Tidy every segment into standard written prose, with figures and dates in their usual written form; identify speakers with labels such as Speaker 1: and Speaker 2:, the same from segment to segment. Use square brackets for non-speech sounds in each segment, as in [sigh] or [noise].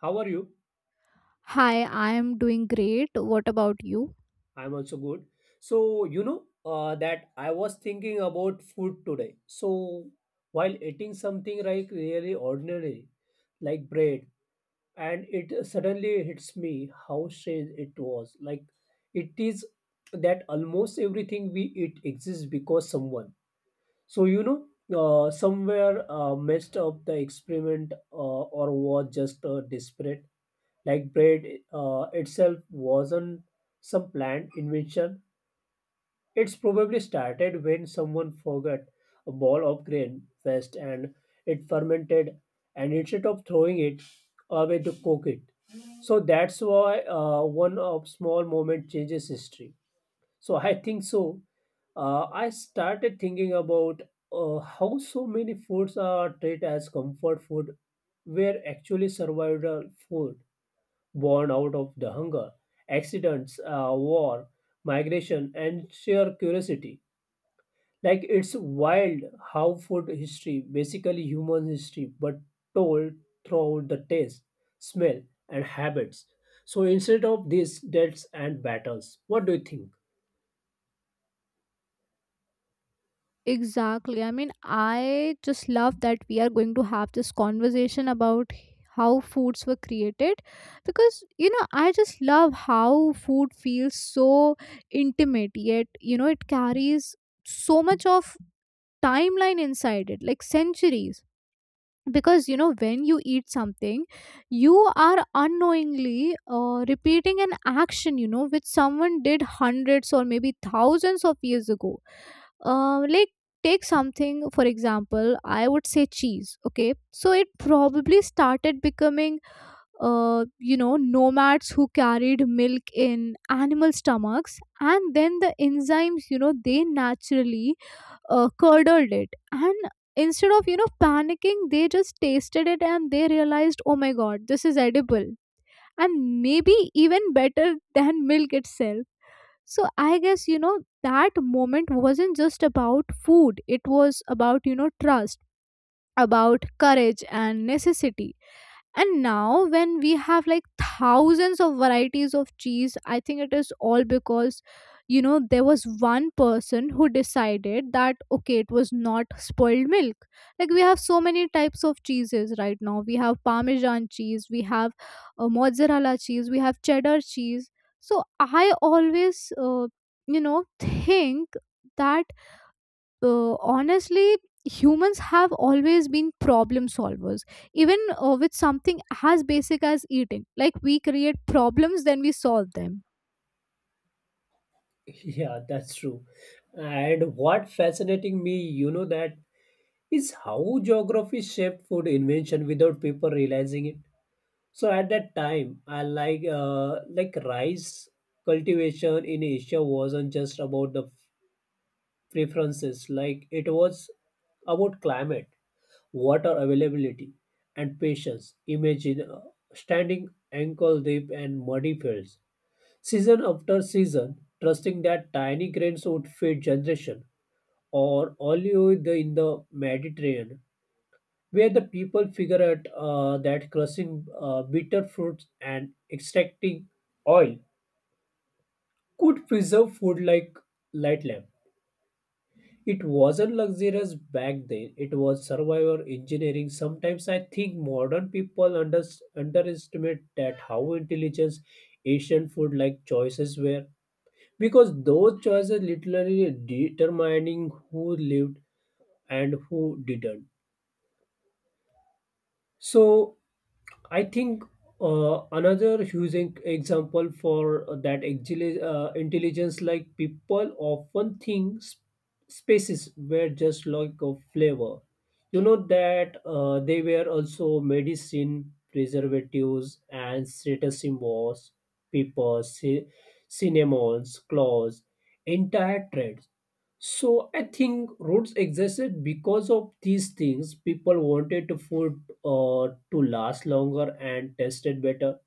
Speaker 1: How are you?
Speaker 2: Hi, I am doing great. What about you?
Speaker 1: I'm also good. That I was thinking about food today. While eating something like really ordinary, like bread, and it suddenly hits me how strange it was. Like, it is that almost everything we eat exists because someone. So, you know, Somewhere messed up the experiment or was just desperate. Like bread itself wasn't some planned invention. It's probably started when someone forgot a ball of grain first and it fermented, and instead of throwing it away to cook it. So that's why one of small moment changes history. So [laughs] I think so. I started thinking about how so many foods are treated as comfort food were actually survival food born out of the hunger, accidents, war, migration, and sheer curiosity. Like it's wild how food history, basically human history, but told throughout the taste, smell, and habits. So instead of these deaths and battles, what do you think?
Speaker 2: Exactly. I mean, I just love that we are going to have this conversation about how foods were created because I just love how food feels so intimate, yet it carries so much of timeline inside it, like centuries. Because when you eat something, you are unknowingly repeating an action which someone did hundreds or maybe thousands of years ago. Like, take something for example. I would say cheese. Okay, so it probably started becoming nomads who carried milk in animal stomachs, and then the enzymes they naturally curdled it. And instead of panicking, they just tasted it and they realized, oh my god, this is edible and maybe even better than milk itself. So I guess that moment wasn't just about food. It was about trust, about courage and necessity. And now when we have like thousands of varieties of cheese, I think it is all because there was one person who decided that okay, it was not spoiled milk. Like, we have so many types of cheeses right now. We have parmesan cheese, we have mozzarella cheese, we have cheddar cheese. So I always, think that, honestly, humans have always been problem solvers, even with something as basic as eating. Like, we create problems, then we solve them.
Speaker 1: [laughs] Yeah, that's true. And what fascinating me, you know, that is how geography shaped food invention without people realizing it. So at that time, I like rice cultivation in Asia wasn't just about the preferences. Like it was about climate, water availability, and patience. Imagine standing ankle deep and muddy fields, season after season, trusting that tiny grains would feed generation. Or olive in the Mediterranean where the people figure out that crushing bitter fruits and extracting oil could preserve food like light lamp. It wasn't luxurious back then. It was survival engineering. Sometimes I think modern people underestimate that how intelligent Asian food like choices were, because those choices literally determining who lived and who didn't. So I think another huge example for that intelligence, like people often think spaces were just like a flavor. You know that they were also medicine, preservatives, and status symbols, papers, cinnamons, clothes, entire trades, so I think roads existed because of these things. People wanted to food to last longer and tasted better.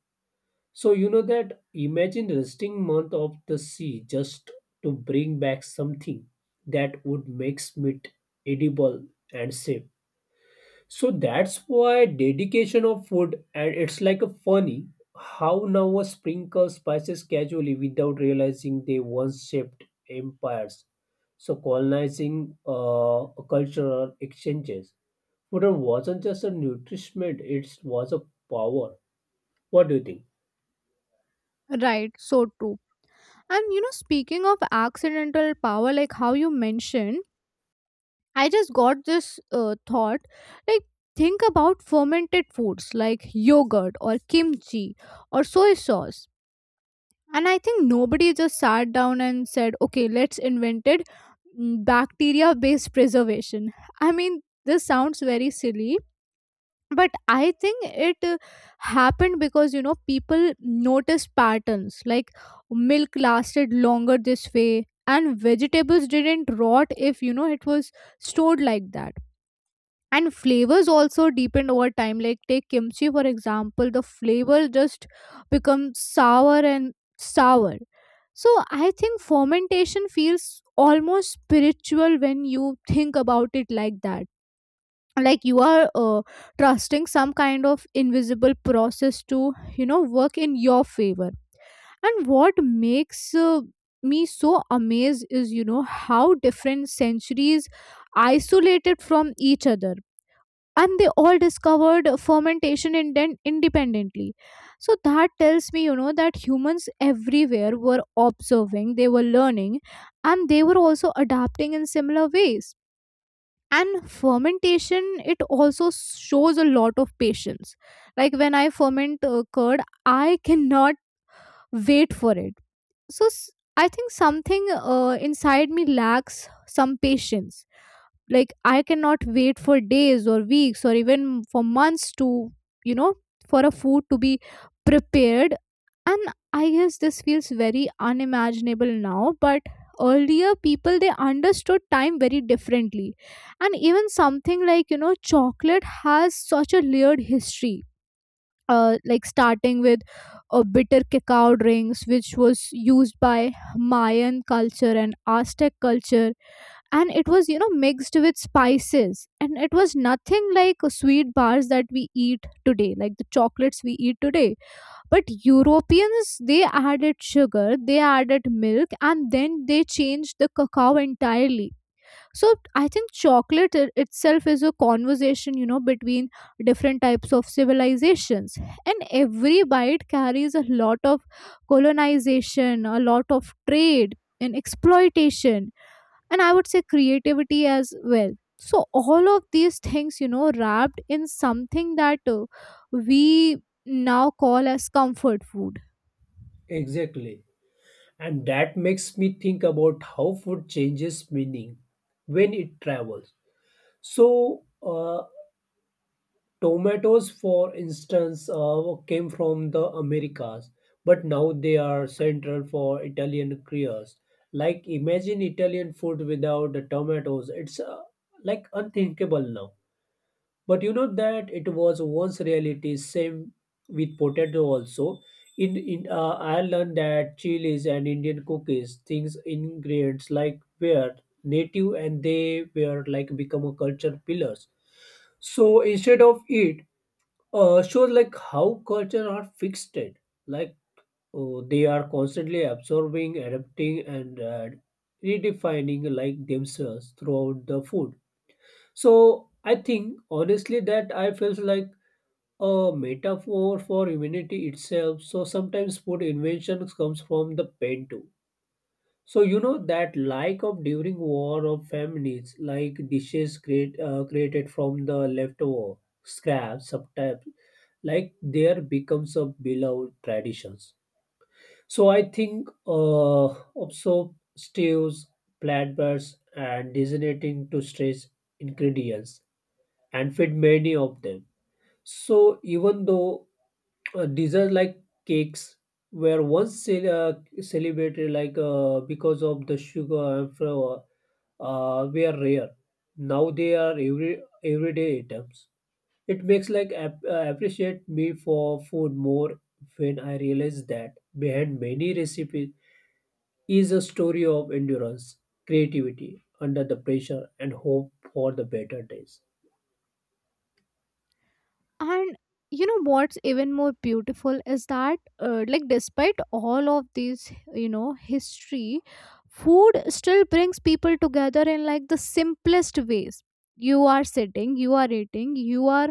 Speaker 1: So you know that imagine resting month of the sea just to bring back something that would make meat edible and safe. So that's why dedication of food, and it's like a funny how now a sprinkle spices casually without realizing they once shaped empires. So colonizing cultural exchanges. Food wasn't just a nutrition, it was a power. What do you think?
Speaker 2: Right, so true. And speaking of accidental power, like how you mentioned, I just got this thought, like, think about fermented foods like yogurt or kimchi or soy sauce. And I think nobody just sat down and said, okay, let's invented bacteria based preservation. I mean, this sounds very silly, but I think it happened because people noticed patterns, like milk lasted longer this way and vegetables didn't rot if it was stored like that, and flavors also deepened over time. Like, take kimchi for example. The flavor just becomes sour and sour. So I think fermentation feels almost spiritual when you think about it like that. Like, you are trusting some kind of invisible process to work in your favor. And what makes me so amazed is how different centuries isolated from each other, and they all discovered fermentation independently. So that tells me that humans everywhere were observing, they were learning, and they were also adapting in similar ways. And fermentation, it also shows a lot of patience. Like, when I ferment curd, I cannot wait for it. So I think something inside me lacks some patience. Like, I cannot wait for days or weeks or even for months to, you know for a food to be prepared. And I guess this feels very unimaginable now, but earlier people, they understood time very differently. And even something like, chocolate has such a layered history, like starting with bitter cacao drinks, which was used by Mayan culture and Aztec culture. And it was, mixed with spices, and it was nothing like sweet bars that we eat today, like the chocolates we eat today. But Europeans, they added sugar, they added milk, and then they changed the cacao entirely. So I think chocolate itself is a conversation, between different types of civilizations. And every bite carries a lot of colonization, a lot of trade and exploitation, and I would say creativity as well. So all of these things, wrapped in something that we now call as comfort food.
Speaker 1: Exactly. And that makes me think about how food changes meaning when it travels. So, tomatoes, for instance, came from the Americas, but now they are central for Italian cures. Like, imagine Italian food without the tomatoes. It's like unthinkable now. But you know that it was once reality. Same with potato also. In Ireland, that chilies and Indian cookies, things ingredients like were native and they were like become a culture pillars. So instead of it, sure, like how culture are fixed, like they are constantly absorbing, adapting, and redefining like themselves throughout the food. So I think honestly that I feels like a metaphor for humanity itself. So sometimes food invention comes from the pain too. So you know that like of during war of families, like created from the leftover scraps, sometimes like there becomes a beloved traditions. So I think also stews, platters, and designating to stress ingredients and feed many of them. So even though desserts like cakes were once celebrated like because of the sugar and flour were rare, now they are every everyday items. It makes appreciate me for food more when I realize that behind many recipes is a story of endurance, creativity under the pressure, and hope for the better days.
Speaker 2: And what's even more beautiful is that, like despite all of these, history, food still brings people together in like the simplest ways. You are sitting, you are eating, you are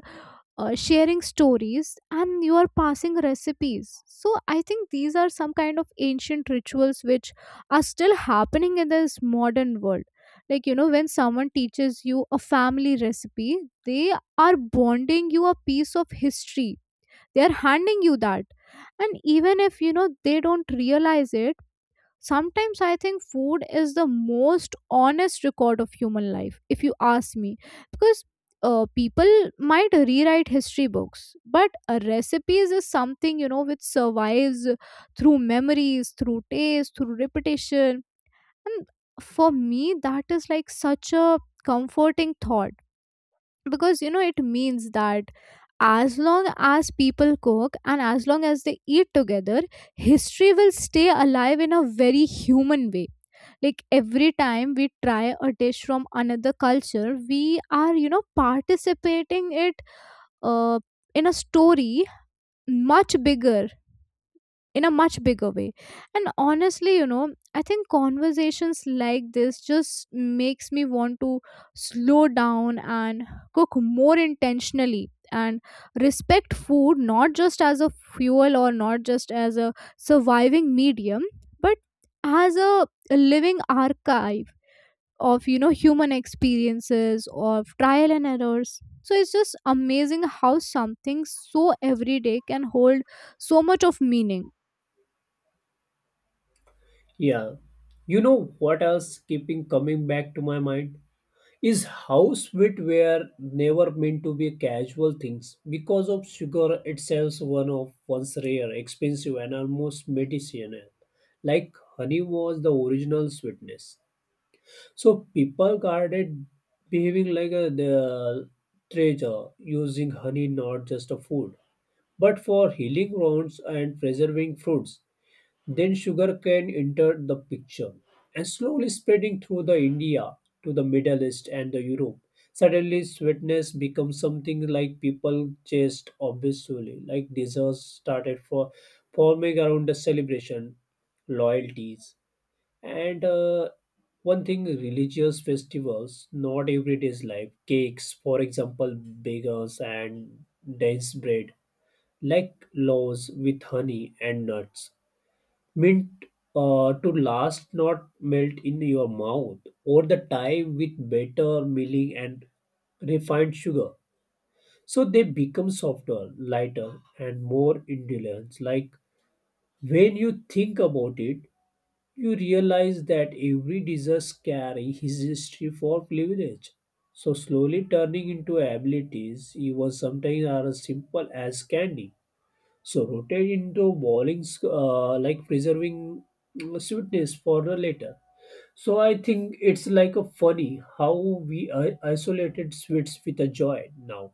Speaker 2: sharing stories, and you are passing recipes. So I think these are some kind of ancient rituals which are still happening in this modern world. Like, when someone teaches you a family recipe, they are bonding you a piece of history, they are handing you that. And even if they don't realize it, sometimes I think food is the most honest record of human life, if you ask me. Because people might rewrite history books, but recipes is something, which survives through memories, through taste, through repetition. And for me, that is like such a comforting thought. Because it means that as long as people cook and as long as they eat together, history will stay alive in a very human way. Like, every time we try a dish from another culture, we are, participating it, uh, in a story much bigger, in a much bigger way. And honestly, I think conversations like this just makes me want to slow down and cook more intentionally, and respect food not just as a fuel, or not just as a surviving medium, but as a living archive of, human experiences, of trial and errors. So it's just amazing how something so everyday can hold so much of meaning.
Speaker 1: Yeah. You know what else keeping coming back to my mind is how sweet were never meant to be casual things because of sugar itself one of once rare, expensive and almost medicinal. Like honey was the original sweetness. So people guarded behaving like a the treasure, using honey not just a food but for healing wounds and preserving fruits. Then sugarcane entered the picture and slowly spreading through the India to the Middle East and the Europe. Suddenly sweetness becomes something like people chased obviously, like desserts started for forming around the celebration, loyalties, and one thing religious festivals, not everyday's life. Cakes, for example, bagels and dense bread, like loaves with honey and nuts meant to last not melt in your mouth over the time with better milling and refined sugar, so they become softer lighter and more indulgent. Like when you think about it, you realize that every dessert carries his history for privilege, so slowly turning into abilities even sometimes are as simple as candy, so rotate into bowlings like preserving sweetness for the later. So I think it's like a funny how we isolated sweets with a joy now.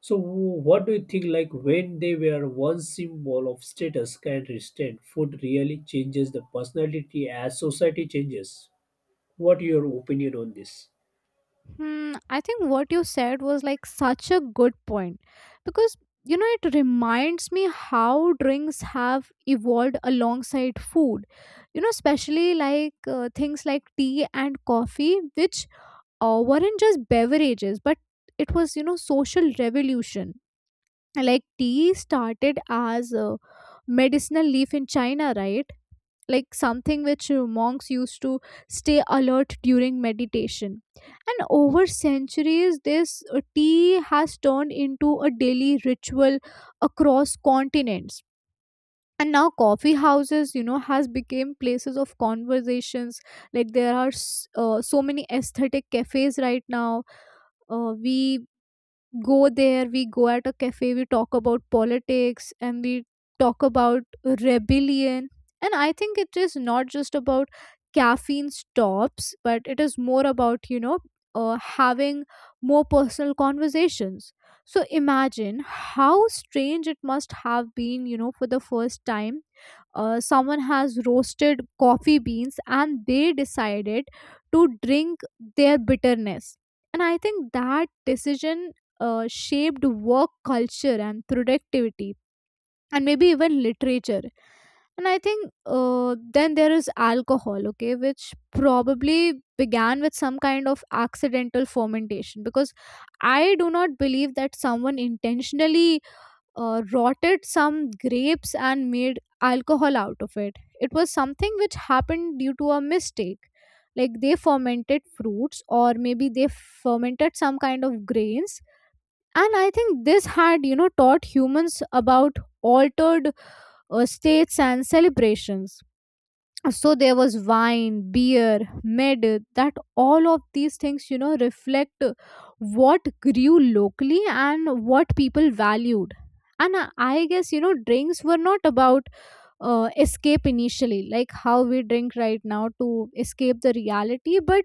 Speaker 1: So what do you think like when they were one symbol of status can restraint food really changes the personality as society changes? What your opinion on this?
Speaker 2: Hmm, I think what you said was like such a good point. Because it reminds me how drinks have evolved alongside food, especially like things like tea and coffee, which weren't just beverages, but it was, social revolution. Like, tea started as a medicinal leaf in China, right? Like something which monks used to stay alert during meditation. And over centuries, this tea has turned into a daily ritual across continents. And now coffee houses, has become places of conversations. Like, there are so many aesthetic cafes right now. We go there, we go at a cafe, we talk about politics, and we talk about rebellion. And I think it is not just about caffeine stops, but it is more about, you know, having more personal conversations. So imagine how strange it must have been, you know, for the first time someone has roasted coffee beans and they decided to drink their bitterness. And I think that decision shaped work culture and productivity, and maybe even literature. And I think then there is alcohol, okay, which probably began with some kind of accidental fermentation, because I do not believe that someone intentionally rotted some grapes and made alcohol out of it. It was something which happened due to a mistake. Like, they fermented fruits, or maybe they fermented some kind of grains. And I think this had, you know, taught humans about altered states and celebrations. So there was wine, beer, mid, that all of these things, you know, reflect what grew locally and what people valued. And I guess, you know, drinks were not about escape initially, like how we drink right now to escape the reality. But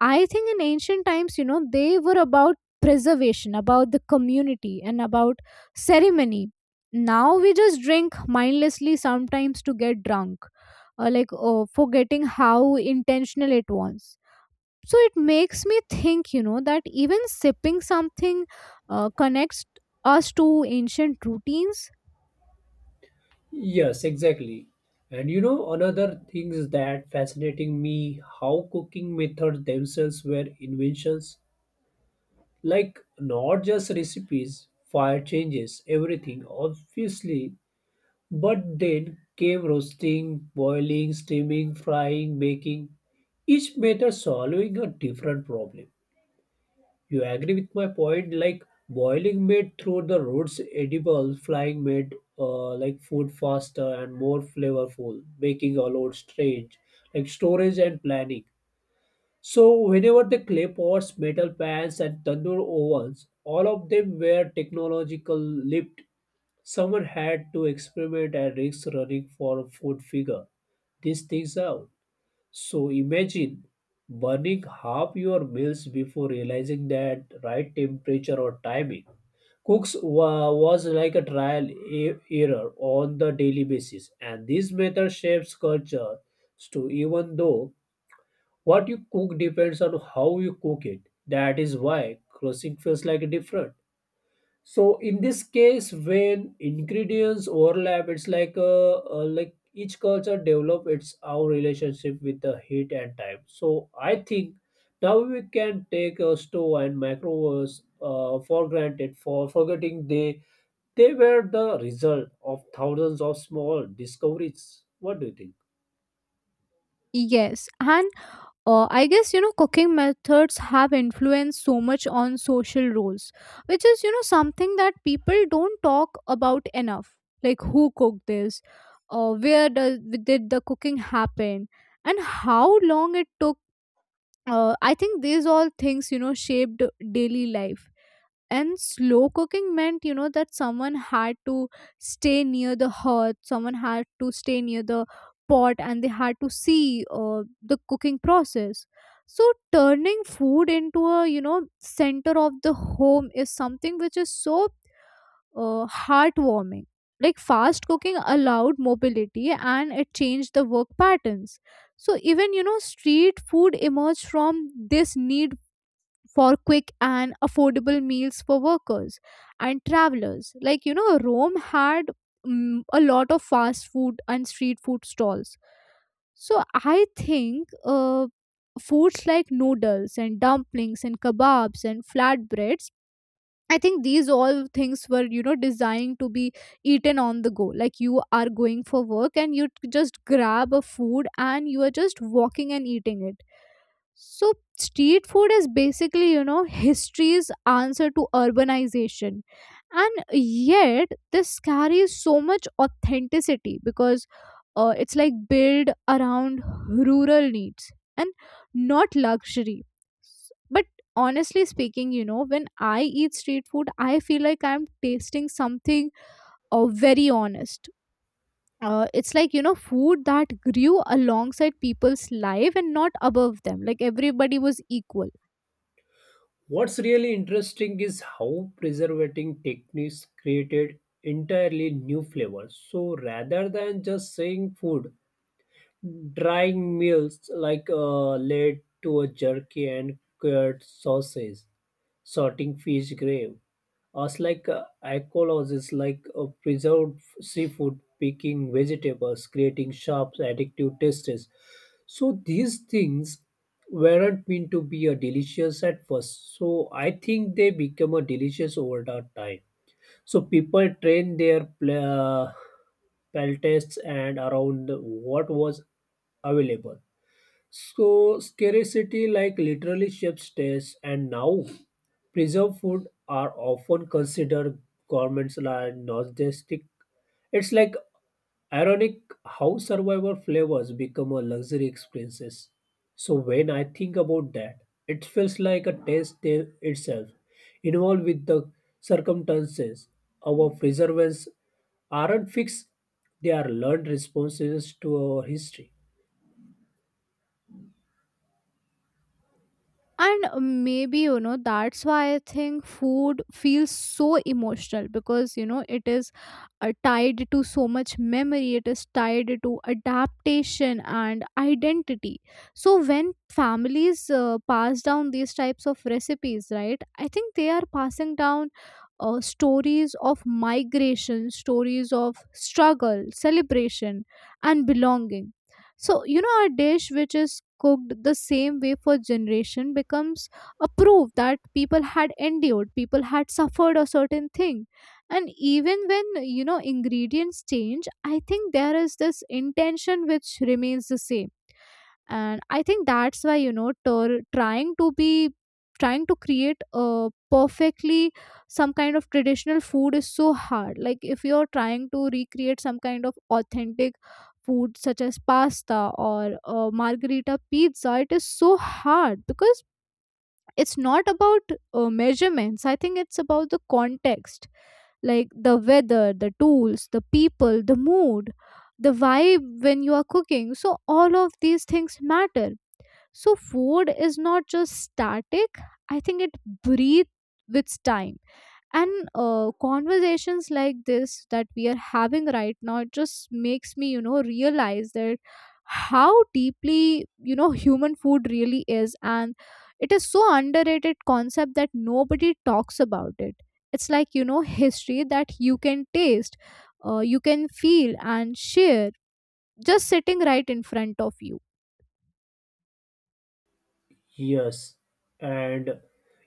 Speaker 2: I think in ancient times, you know, they were about preservation, about the community, and about ceremony. Now we just drink mindlessly sometimes to get drunk, or like forgetting how intentional it was. So it makes me think, you know, that even sipping something connects us to ancient routines.
Speaker 1: Yes, exactly. And you know, another thing is that fascinating me how cooking methods themselves were inventions. Like not just recipes, fire changes, everything, obviously. But then came roasting, boiling, steaming, frying, baking, each method solving a different problem. You agree with my point? Like boiling made through the roots edible, flying made like food faster and more flavorful, making a lot strange, like storage and planning. So whenever the clay pots, metal pans, and tandoor ovens, all of them were technological leaped. Someone had to experiment and risk running for a food figure. These things out. So imagine burning half your meals before realizing that right temperature or timing. Cooks was like a trial error on the daily basis, and this method shapes culture. So even though what you cook depends on how you cook it, that is why crossing feels like a different. So in this case, when ingredients overlap, it's like each culture develop its own relationship with the heat and time. So I think now we can take a stove and microwaves for granted for forgetting they were the result of thousands of small discoveries. What do you think?
Speaker 2: Yes, and I guess cooking methods have influenced so much on social roles, which is, something that people don't talk about enough. Like, who cooked this, where does, did the cooking happen, and how long it took. I think these all things, shaped daily life. And slow cooking meant, you know, that someone had to stay near the hearth, someone had to stay near the pot, and they had to see the cooking process. So, turning food into a, you know, center of the home is something which is so heartwarming. Like, fast cooking allowed mobility and it changed the work patterns. So, even, you know, street food emerged from this need for quick and affordable meals for workers and travelers. Like, you know, Rome had a lot of fast food and street food stalls. So I think foods like noodles and dumplings and kebabs and flatbreads. I think these all things were, you know, designed to be eaten on the go. Like, you are going for work and you just grab a food and you are just walking and eating it. So, street food is basically, you know, history's answer to urbanization. And yet, this carries so much authenticity because it's like built around rural needs and not luxury. But honestly speaking, you know, when I eat street food, I feel like I'm tasting something very honest. Uh, it's like, you know, food that grew alongside people's life and not above them, like everybody was equal.
Speaker 1: What's really interesting is how preservating techniques created entirely new flavors. So rather than just saying food, drying meals like led to a jerky and cured sausage, sorting fish grave. Us like is like preserved seafood, picking vegetables, creating sharp addictive tastes. So these things weren't meant to be a delicious at first. So I think they become a delicious over the time. So people train their peltests and around what was available. So scarcity like literally shapes taste and now preserved food are often considered governments like nostalgic. It's like ironic how survivor flavors become a luxury experiences. So when I think about that, it feels like a taste itself, involved with the circumstances. Our preservations aren't fixed; they are learned responses to our history.
Speaker 2: And maybe, you know, that's why I think food feels so emotional because, you know, it is tied to so much memory, it is tied to adaptation and identity. So, when families pass down these types of recipes, right, I think they are passing down stories of migration, stories of struggle, celebration, and belonging. So, you know, a dish which is cooked the same way for generation becomes a proof that people had endured, people had suffered a certain thing. And even when, you know, ingredients change, I think there is this intention which remains the same. And I think that's why, you know, trying to create a perfectly some kind of traditional food is so hard. Like if you're trying to recreate some kind of authentic food such as pasta or margherita pizza, it is so hard because it's not about measurements, I think it's about the context, like the weather, the tools, the people, the mood, the vibe when you are cooking. So all of these things matter. So food is not just static. I think it breathes with time. And conversations like this that we are having right now, it just makes me, you know, realize that how deeply, you know, human food really is, and it is so underrated concept that nobody talks about it. It's like, you know, history that you can taste, you can feel and share, just sitting right in front of you.
Speaker 1: Yes, and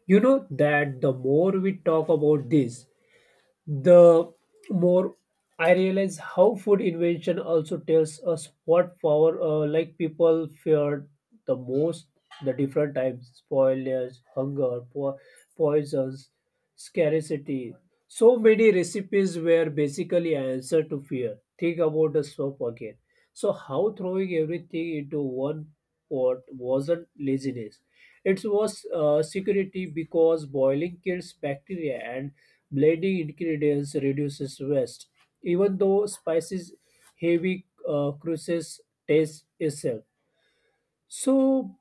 Speaker 1: you know that the more we talk about this, the more I realize how food invention also tells us what power like people feared the most the different types spoilers, hunger, poisons, scarcity. So many recipes were basically an answer to fear. Think about the soap again. So how throwing everything into one what wasn't laziness. It was security because boiling kills bacteria and blending ingredients reduces waste. Even though spices heavy cruises taste itself. So,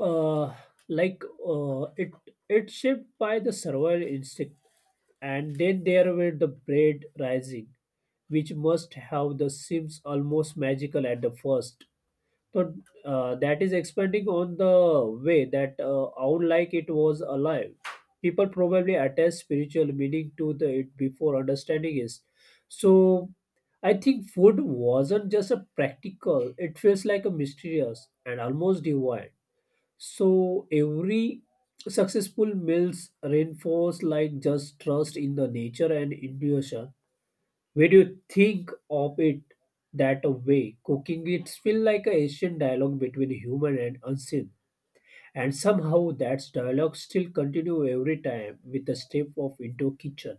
Speaker 1: uh, like it it shaped by the survival instinct, and then there were the bread rising, which must have the seems almost magical at the first. So that is expanding on the way that out like it was alive. People probably attach spiritual meaning to the, it before understanding it. So I think food wasn't just a practical, it feels like a mysterious and almost divine. So every successful meals reinforce like just trust in the nature and intuition when you think of it that way, cooking it feels like an ancient dialogue between human and unseen. And somehow that dialogue still continue every time with a step of into kitchen.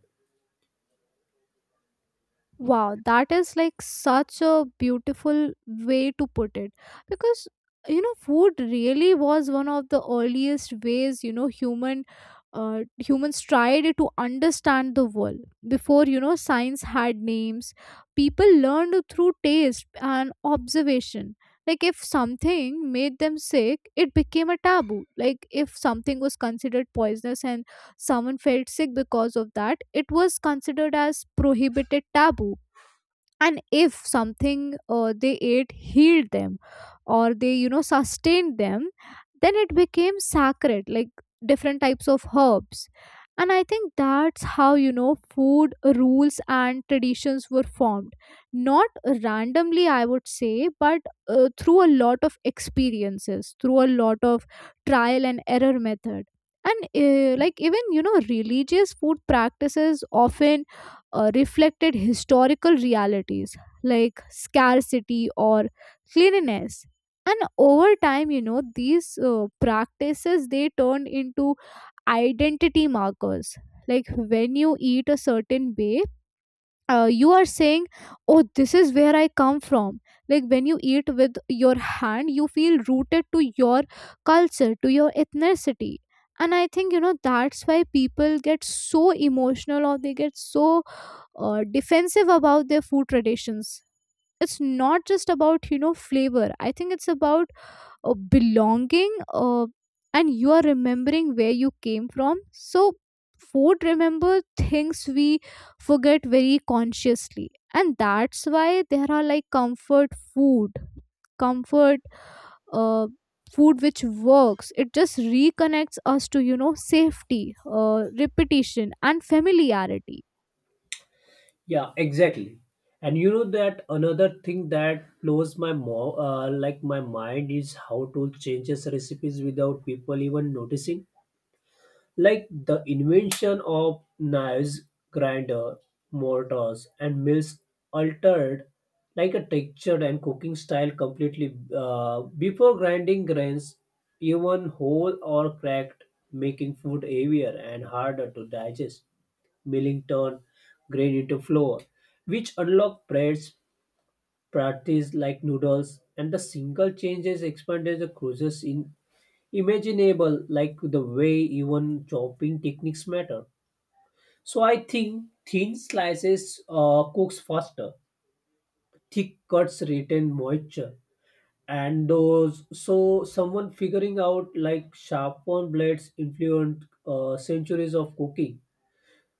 Speaker 2: Wow, that is like such a beautiful way to put it, because, you know, food really was one of the earliest ways, you know, humans tried to understand the world. Before, you know, science had names, people learned through taste and observation. Like if something made them sick, it became a taboo. Like if something was considered poisonous and someone felt sick because of that, it was considered as prohibited taboo. And if something they ate healed them or they, you know, sustained them, then it became sacred, like different types of herbs. And I think that's how, you know, food rules and traditions were formed, not randomly I would say, but through a lot of experiences, through a lot of trial and error method. And like even, you know, religious food practices often reflected historical realities like scarcity or cleanliness. And over time, you know, these practices, they turned into identity markers. Like when you eat a certain way, you are saying, oh, this is where I come from. Like when you eat with your hand, you feel rooted to your culture, to your ethnicity. And I think, you know, that's why people get so emotional or they get so defensive about their food traditions. It's not just about, you know, flavor, I think it's about belonging, and you are remembering where you came from. So food remember things we forget very consciously, and that's why there are like comfort food, comfort uh, food which works. It just reconnects us to, you know, safety, repetition and familiarity.
Speaker 1: Yeah, exactly. And you know that another thing that blows like my mind is how to change his recipes without people even noticing. Like the invention of knives, grinder, mortars, and mills altered like a texture and cooking style completely. Before grinding grains, even whole or cracked, making food heavier and harder to digest. Milling turned grain into flour, which unlocked breads, patties like noodles, and the single changes expanded the cruises in imaginable, like the way even chopping techniques matter. So I think thin slices cooks faster, thick cuts retain moisture, and those so someone figuring out like sharpened blades influenced centuries of cooking.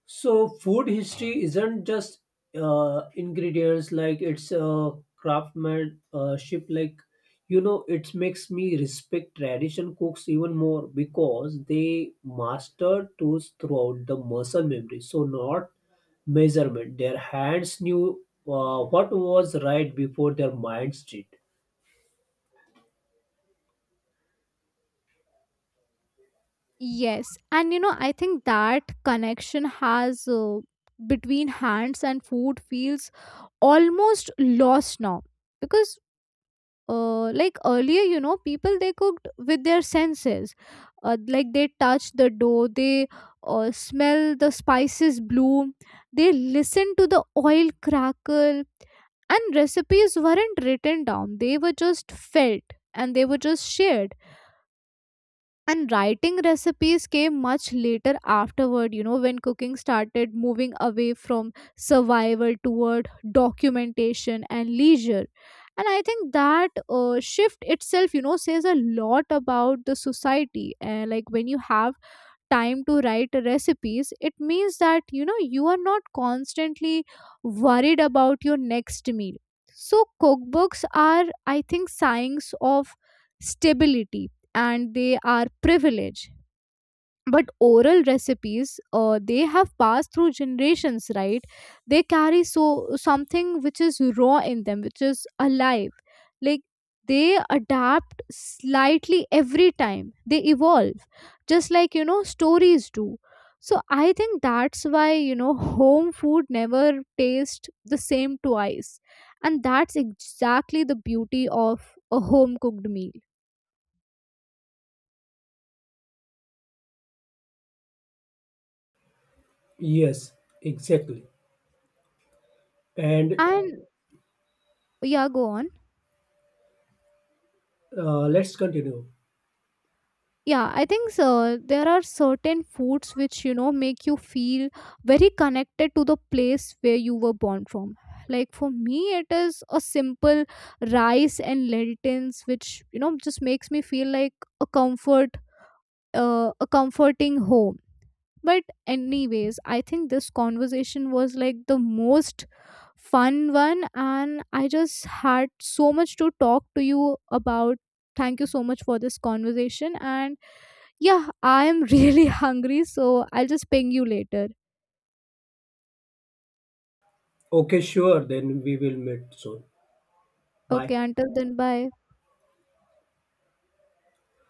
Speaker 1: So food history isn't just ingredients, like it's craftsmanship, like you know it makes me respect tradition cooks even more because they master tools throughout the muscle memory so not measurement their hands knew what was right before their minds did.
Speaker 2: Yes, and you know, I think that connection has, between hands and food, feels almost lost now, because like earlier, you know, people they cooked with their senses. Uh, like they touch the dough, they smell the spices bloom, they listen to the oil crackle, and recipes weren't written down, they were just felt and they were just shared. And writing recipes came much later afterward, you know, when cooking started moving away from survival toward documentation and leisure. And I think that shift itself, you know, says a lot about the society. And like when you have time to write recipes, it means that, you know, you are not constantly worried about your next meal. So cookbooks are, I think, signs of stability, and they are privilege. But oral recipes, they have passed through generations, right, they carry so something which is raw in them, which is alive. Like they adapt slightly every time, they evolve just like, you know, stories do. So I think that's why, you know, home food never tastes the same twice, and that's exactly the beauty of a home cooked meal.
Speaker 1: Yes, exactly. And
Speaker 2: And yeah, go on.
Speaker 1: let's continue.
Speaker 2: Yeah, I think so, there are certain foods which, you know, make you feel very connected to the place where you were born from. Like for me, it is a simple rice and lentils which, you know, just makes me feel like a comfort, a comforting home. But anyways, I think this conversation was like the most fun one, and I just had so much to talk to you about. Thank you so much for this conversation. And yeah, I am [laughs] really hungry, so I'll just ping you later.
Speaker 1: Okay, sure, then we will meet soon.
Speaker 2: Okay,
Speaker 1: Bye.
Speaker 2: until then, bye.